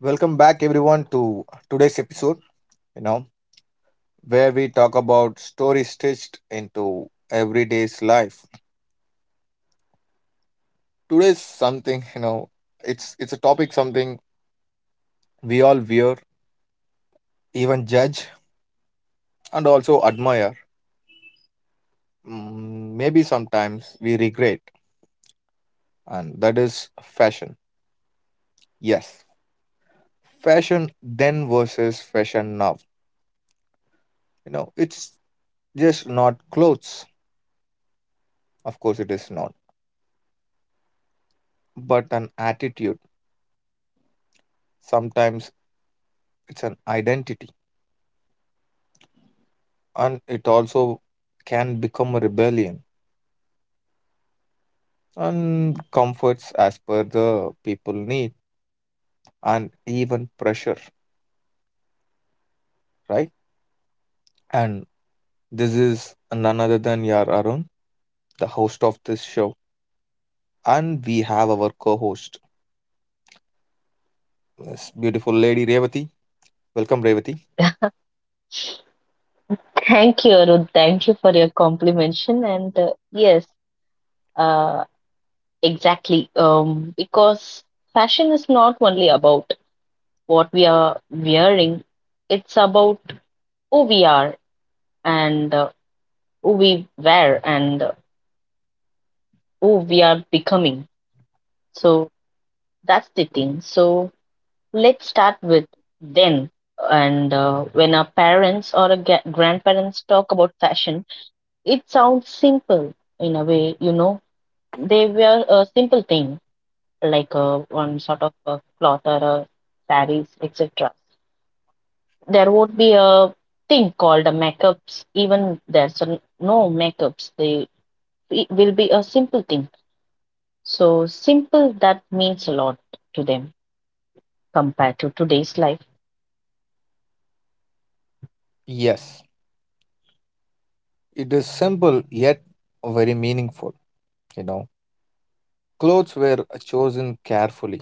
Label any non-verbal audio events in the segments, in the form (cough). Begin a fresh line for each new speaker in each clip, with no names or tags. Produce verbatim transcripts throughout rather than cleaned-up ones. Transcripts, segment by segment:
Welcome back, everyone, to today's episode, you know, where we talk about stories stitched into everyday's life. Today's something, you know, it's it's a topic something we all wear, even judge, and also admire. Mm, Maybe sometimes we regret, and that is fashion. Yes, fashion then versus fashion now. You know, it's just not clothes. Of course, it is not, but an attitude. Sometimes it's an identity, and it also can become a rebellion and comforts as per the people need, and even pressure, right? And this is none other than yar Arun, the host of this show, and we have our co-host, this beautiful lady, Revati. Welcome, Revati.
Thank you, Arun. Thank you for your complimentation. And uh, yes, uh, exactly. Um, because fashion is not only about what we are wearing, it's about who we are and uh, who we wear and uh, who we are becoming. So that's the thing. So let's start with then. And uh, when our parents or our ga- grandparents talk about fashion, it sounds simple in a way, you know. They wear a simple thing like uh, one sort of a cloth or a saris, et cetera. There would be a thing called a makeups. Even there's a, no makeups. They it will be a simple thing. So simple that means a lot to them compared to today's life.
Yes, it is simple yet very meaningful. You know, clothes were chosen carefully,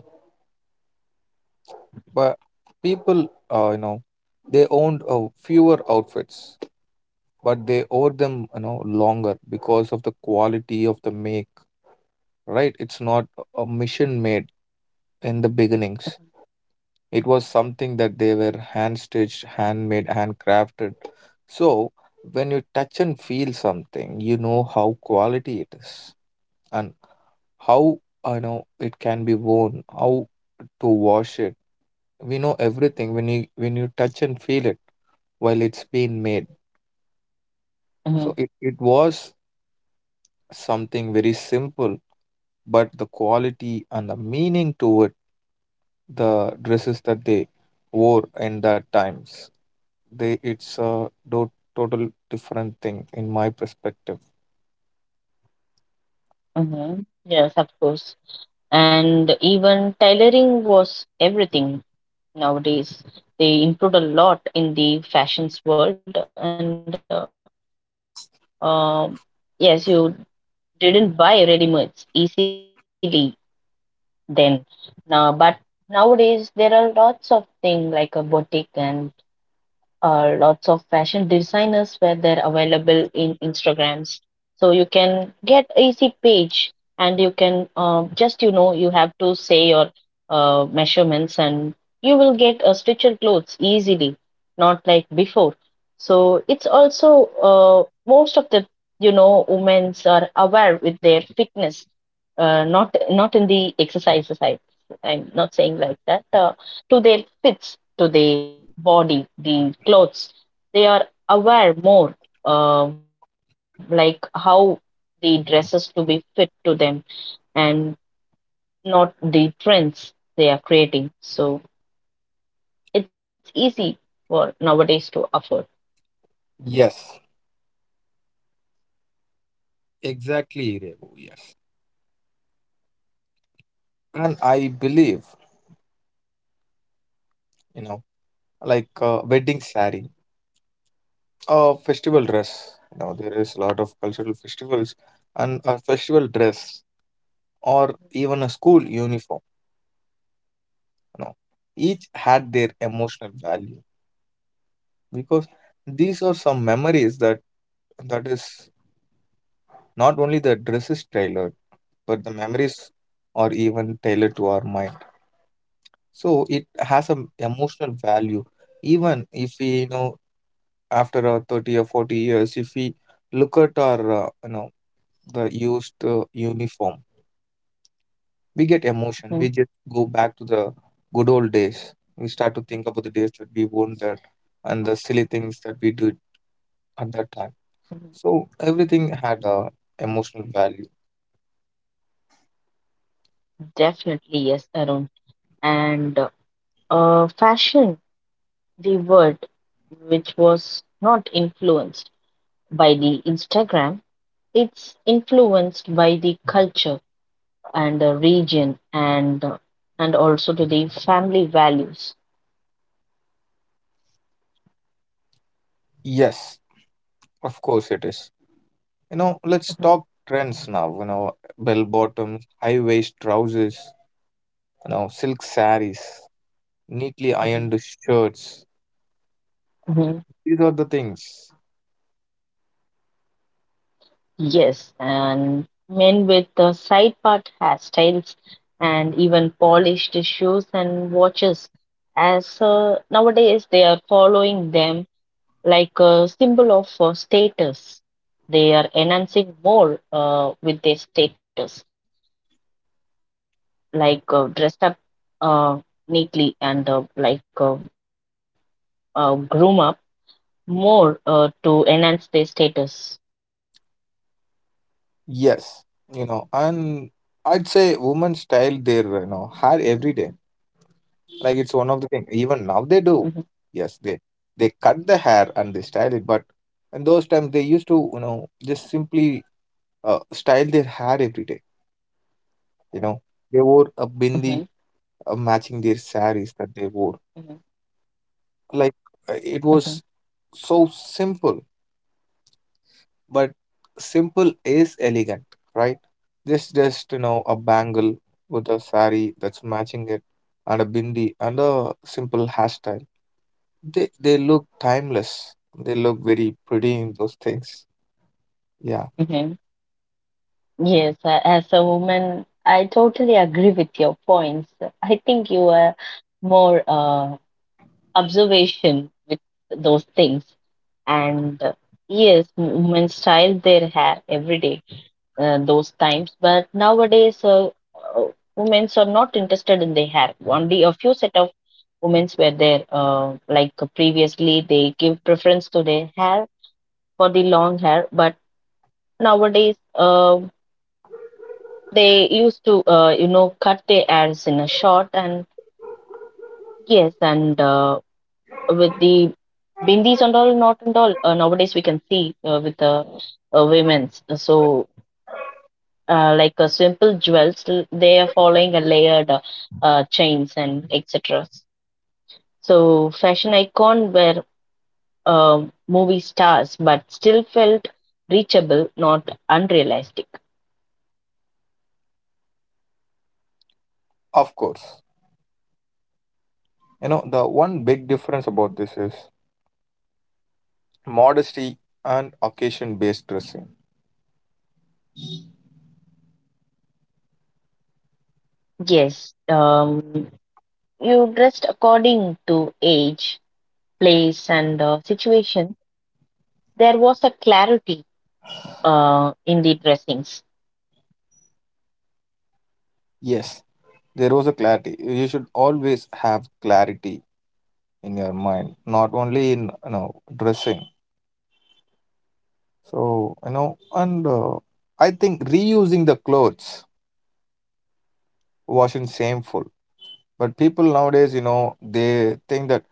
but people, uh, you know they owned uh, fewer outfits, but they owe them, you know, longer because of the quality of the make, right? It's not a mission made in the beginnings. It was something that they were hand stitched, handmade, handcrafted. So when you touch and feel something, you know how quality it is, and how, you know it can be worn, how to wash it. We know everything when you when you touch and feel it while it's being made.
hmm
So it, it was something very simple, but the quality and the meaning to it, the dresses that they wore in that times, they it's a do- total different thing in my perspective.
hmm Yes, of course. And even tailoring was everything nowadays. They improved a lot in the fashions world, and uh, Um, yes, you didn't buy ready-mades easily then. Now, but nowadays there are lots of things like a boutique and uh, lots of fashion designers where they're available in Instagrams. So you can get easy page and you can um, just you know you have to say your uh, measurements and you will get a stitcher clothes easily, not like before. So it's also uh, most of the you know women's are aware with their fitness, uh, not not in the exercises. I I'm not saying like that uh, to their fits to the body, the clothes. They are aware more, uh, like how the dresses to be fit to them and not the trends they are creating. So it's easy for nowadays to afford.
Yes, exactly, Revo. Yes. And I believe, you know, like uh, wedding sari, a festival dress. You know, there is a lot of cultural festivals, and a festival dress or even a school uniform. You know, each had their emotional value, because these are some memories that that is not only the dress is tailored, but the memories are even tailored to our mind. So it has an emotional value. Even if we, you know, after our thirty or forty years, if we look at our, uh, you know, the used uh, uniform, we get emotion. We just
Mhm.
go back to the good old days. We start to think about the days that we won that, and the silly things that we did at that time. So everything had a emotional value.
Definitely, yes, Arun. And uh, uh, fashion, the word which was not influenced by the Instagram, it's influenced by the culture and the region and uh, and also to the family values.
Yes, of course it is. You know, let's talk trends now. You know, bell bottoms, high waist trousers, you know, silk saris, neatly
Mhm.
ironed shirts.
Mhm.
These are the things.
Yes, and men with the side part hairstyles and even polished shoes and watches, as uh, nowadays they are following them like a symbol of uh, status. They are enhancing more uh, with their status, like uh, dressed up uh, neatly and uh, like uh, uh, groom up more uh, to enhance their status.
Yes, you know, and I'd say women style their, you know hair every day. Like it's
hmm
one of the things. Even now they do. Yes, they they cut the hair and they style it. But in those times they used to, you know just simply uh, style their hair every day. You know,
hmm
they wore a bindi uh, matching their saris
hmm
that they wore.
hmm
Like uh, it was so simple, but simple is elegant, right? This just, you know, a bangle with a sari that's matching it, and a bindi and a simple hairstyle. They they look timeless. They look very pretty in those things. Yeah,
hmm Yes, a- as a woman, I totally agree with your points. I think you are more uh, observation with those things. And uh, yes, women style their hair every day uh, those times. But nowadays, uh, uh, women are not interested in their hair. Only a few set of women were there. Uh, like previously, they give preference to their hair for the long hair. But nowadays, uh, they used to, uh, you know, cut their hairs in a short and yes, and uh, with the bindis and all, not and all. Uh, nowadays, we can see uh, with the uh, women's. So uh, like uh, simple jewels, l- they are following a layered uh, uh, chains and et cetera. So fashion icon were uh, movie stars, but still felt reachable, not unrealistic.
of course. You know, the one big difference about this is modesty and occasion-based dressing.
Yes, um, you dressed according to age, place, and uh, situation. There was a clarity uh, in the dressings.
Yes, there was a clarity. You should always have clarity in your mind, not only in, you know dressing. So, you know, and uh, I think reusing the clothes wasn't shameful, but people nowadays, you know, they think that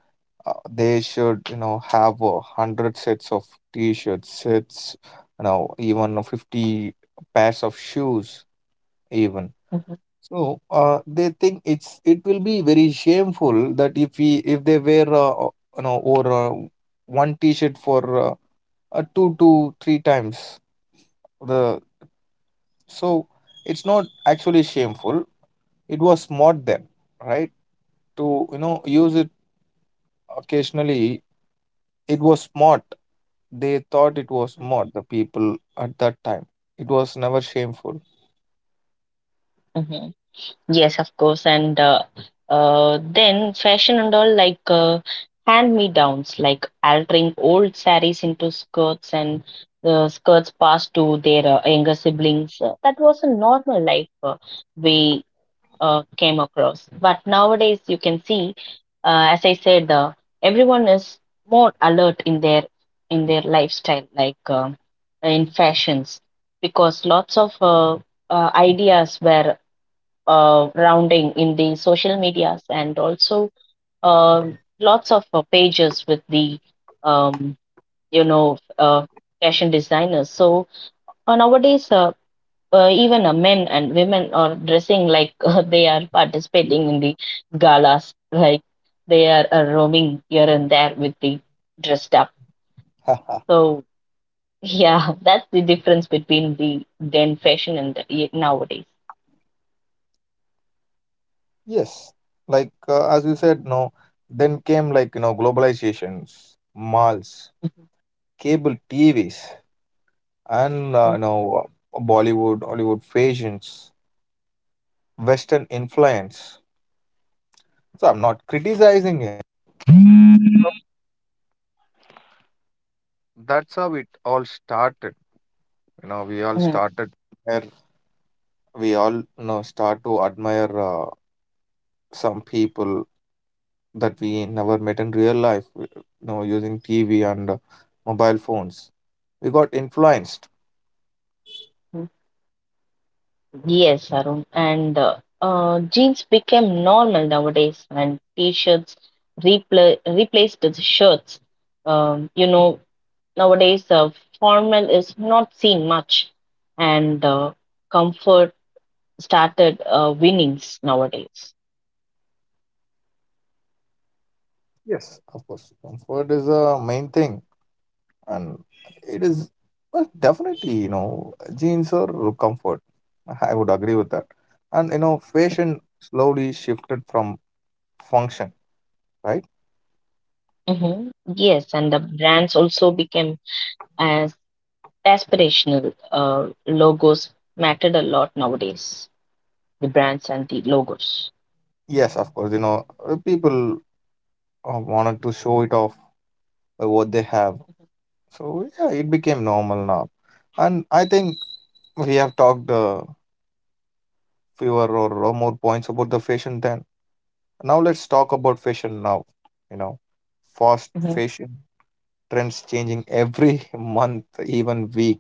uh, they should, you know, have a hundred sets of t-shirts, sets, you know, even a fifty pairs of shoes, even.
Mhm,
So uh, they think it's it will be very shameful that if we if they wear uh, you know or uh, one t-shirt for uh, uh, two to three times. The so it's not actually shameful. It was smart then, right, to, you know, use it occasionally. It was smart. They thought it was smart, the people at that time. It was never shameful.
mhm. Yes, of course. And uh, uh, then fashion and all like uh, hand-me-downs, like altering old saris into skirts and uh, skirts passed to their uh, younger siblings. Uh, That was a normal life uh, we uh, came across. But nowadays, you can see, uh, as I said, uh, everyone is more alert in their in their lifestyle, like uh, in fashions, because lots of uh, uh, ideas were uh, rounding in the social medias and also um lots of uh, pages with the um, you know uh, fashion designers. So uh, nowadays, uh, uh, even uh, men and women are dressing like (laughs) uh, they are participating in the galas, like they are uh, roaming here and there with the dressed up.
Haha.
So yeah, (laughs) that's the difference between the then fashion and the, nowadays.
Yes, like uh, as you said, no, then came, like, you know, globalizations, malls, cable TVs, and uh, you
Mhm.
know Bollywood Hollywood fashions, Western influence. So I'm not critiquing to admire uh, some people that we never met in real life, you know, using T V and uh, mobile phones. We got influenced.
Mhm. Yes, Arun. And uh, uh, jeans became normal nowadays, and t-shirts repla replaced the shirts. Um, you know, nowadays uh, formal is not seen much, and uh, comfort started uh, winnings nowadays.
Yes. Of course. Comfort is a main thing, and it is, well, definitely, you know, jeans or comfort. I would agree with that. And, you know,
Mm-hmm.
fashion slowly shifted from function, right?
Mm-hmm. Yes, and the brands also became as aspirational. Uh, logos mattered a lot nowadays. The brands and the logos.
Yes, of course. You know, uh, people uh, wanted to show it off by what they have. So yeah, it became normal now. And I think we have talked, uh, fewer or, or more points about the fashion then. Now let's talk about fashion now. You know, fast
hmm
fashion trends changing every (laughs) month, even week.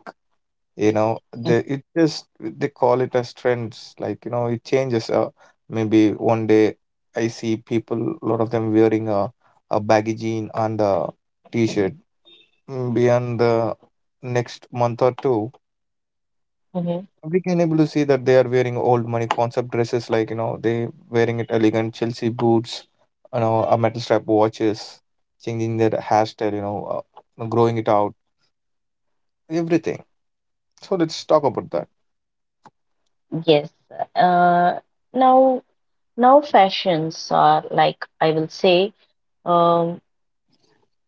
You know, they, it just they call it as trends. Like, you know, it changes. Uh, maybe one day I see people, a lot of them wearing a a baggy jean and a t-shirt. Beyond the next month or two,
hmm
we can able to see that they are wearing old money concept dresses, like, you know, they wearing it elegant chelsea boots, you know, a metal strap watches, changing their hairstyle, you know, uh, growing it out, everything. So let's talk about that.
Yes. Uh, now, now fashions are like I will say, um,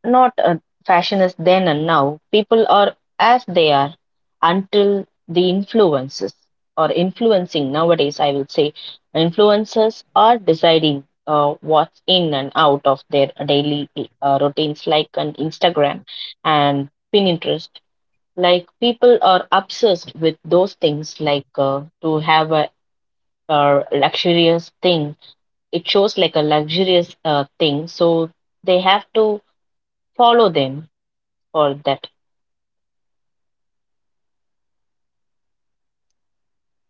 not a fashion is then and now. People are as they are until the influences or influencing nowadays. I will say, influencers are deciding uh, what's in and out of their daily uh, routines, like on Instagram and Pinterest. Like people are obsessed with those things, like uh, to have a uh, luxurious thing. It shows like a luxurious uh, thing, so they have to follow them for that.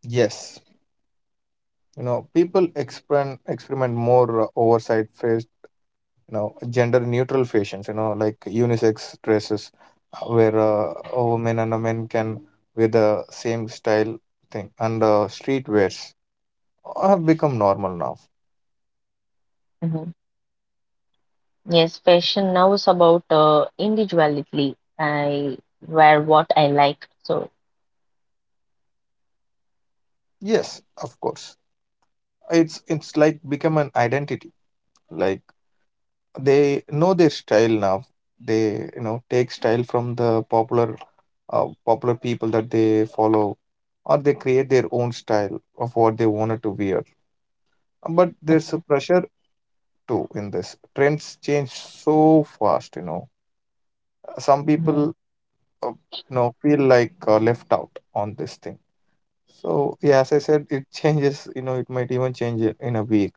Yes, you know, people experiment experiment more, uh, oversight face, you know, gender neutral fashions, you know, like unisex dresses, uh, where uh, a woman and a man can wear the same style thing, and uh, street wears have become normal now.
Mhm. Yes, fashion now is about uh, individuality. I wear what I like, so.
Yes, of course. It's it's like become an identity. Like they know their style now. They, you know, take style from the popular uh, popular people that they follow, or they create their own style of what they wanted to wear. But there's a
Mhm.
pressure too in this. Trends change so fast. You know, some
Mhm.
people uh, you know feel like uh, left out on this thing. So yeah, as I said, it (laughs) changes. You know, it might even change in in a week.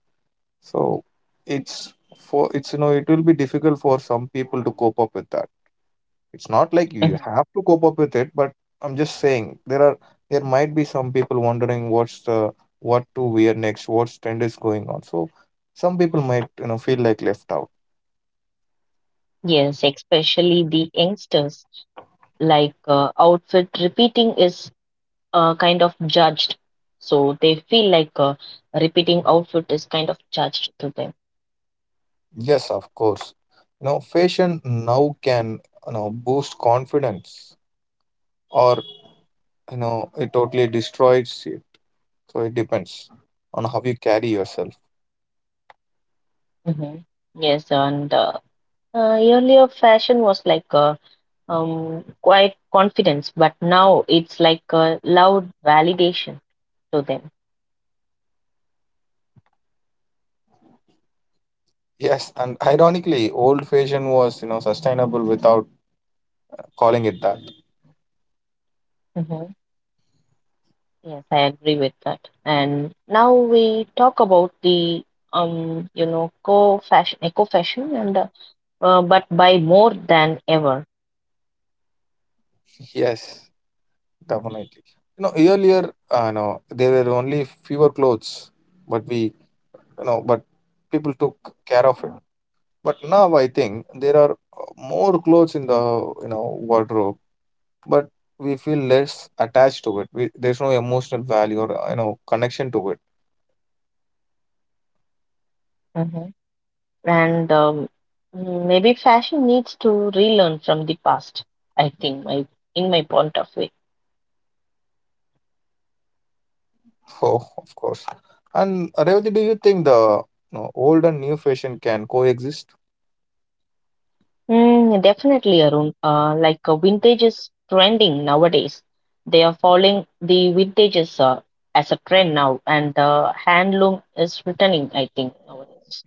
So it's for it's you know it will be difficult for some people to cope up with that. It's not like you
Mhm.
have to cope up with it, but I'm just saying there are there might be some people wondering what's the what to wear next, what's trend is going on. So some people might, you know, feel like left out.
Yes, especially the youngsters, like uh, outfit repeating is uh, kind of judged, so they feel like uh, repeating outfit is kind of judged to them.
Yes, of course. You know, fashion now can, you know boost confidence, or, you know, it totally destroys it. So it depends on how you carry yourself.
Mhm. Yes, and uh, Uh, earlier, fashion was like a um, quiet confidence, but now it's like a loud validation to them.
Yes, and ironically, old fashion was, you know, sustainable without calling it that.
hmm Yes, I agree with that. And now we talk about the um, you know, co-fashion, eco-fashion, and uh, uh, but by more than ever.
Yes, definitely. You know, earlier, uh, know, there were only fewer clothes, but we, you know, but people took care of it. But now I think there are uh, more clothes in the, you know, wardrobe, but we feel less attached to it. We, there's no emotional value or, uh, you know, connection to it. (laughs)
hmm And um, maybe fashion needs to relearn from the past. I think my in my point of view.
Oh, of course. And Revati, do you think the, you know, old and new fashion can coexist?
Mm, definitely, Arun. Uh, like uh, vintage is trending nowadays. They are following the vintages uh, as a trend now, and uh, handloom is returning, I think, nowadays.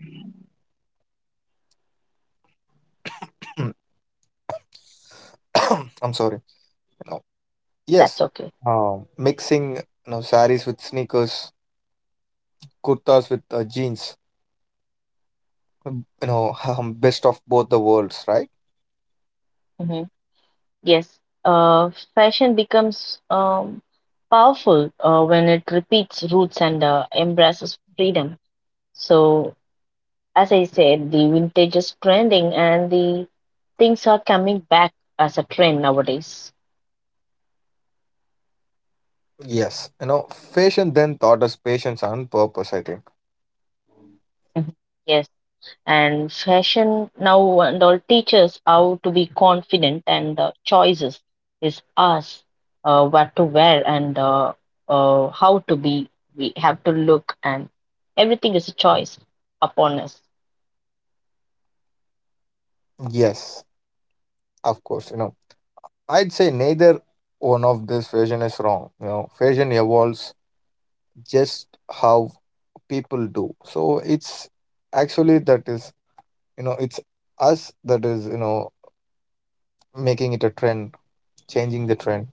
(clears throat) (clears throat) (coughs) I'm sorry. No.
That's
Yes.
okay.
Um, mixing you know saris with sneakers, kurtas with uh, jeans. um, You know, (laughs) um, best of both the worlds, right?
hmm Yes. Uh, fashion becomes um, powerful uh, when it repeats roots and uh, embraces freedom. So, as I said, the vintage is trending, and the things are coming back as a trend nowadays.
Yes. You know, fashion then taught us patience and purpose. I think.
Mhm. Yes. And fashion now and all teaches how to be confident and the choices is us, uh, what to wear and uh, uh, how to be we have to look and everything is a choice upon us.
Yes, of course. You know, I'd say neither one of this fashion is wrong. You know, fashion evolves just how people do. So it's actually that is, you know, it's us that is, you know, making it a trend, changing the trend.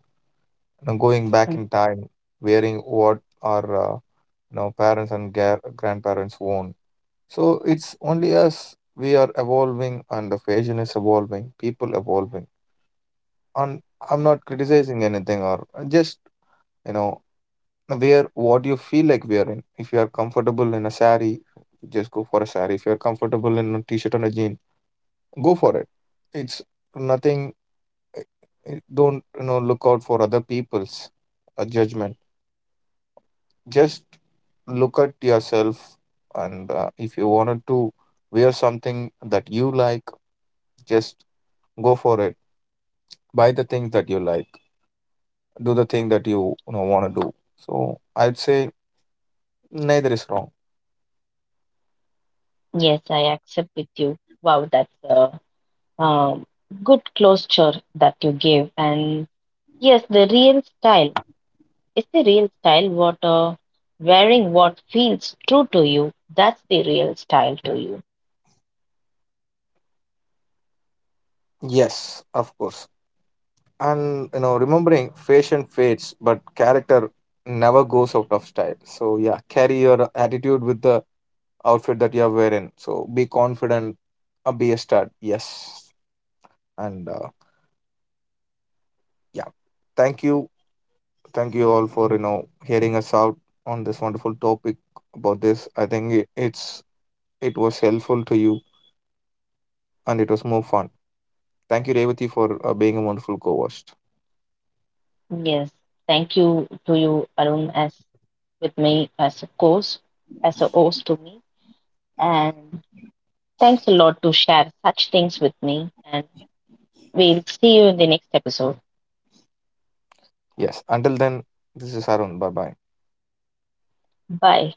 know, Going back
Mhm.
in time, wearing what our uh, you know, parents and ga- grandparents worn. So it's only us. We are evolving, and the fashion is evolving. People evolving, and I'm not criticizing anything or uh, just, you know, wear what you feel like wearing. If you are comfortable in a sari, just go for a sari. If you are comfortable in a t-shirt and a jean, go for it. It's nothing. eh, eh, Don't, you know look out for other people's uh, judgment. Just look at yourself, and uh, if you wanted to wear something that you like, just go for it, buy the things that you like, do the thing that you, you know want to do. So I'd say neither is wrong.
Yes, I accept with you. Wow, that's a um, good closure that you gave. And yes, the real style is the real style, what uh, wearing what feels true to you, that's the real style to you.
Yes, of course. And, you know, remembering, fashion fades but character never goes out of style. So yeah, carry your attitude with the outfit that you're wearing. So be confident, uh, be a stud. Yes. And uh, yeah, thank you. Thank you all for, you know hearing us out on this wonderful topic about this. I think it, it's it was helpful to you, and it was more fun. Thank you, Revati, for uh, being a wonderful co-host.
Yes, thank you to you, Arun, as with me as a course, as a host to me, and thanks a lot to share such things with me. And we'll see you in the next episode.
Yes. Until then, this is Arun. Bye bye.
Bye.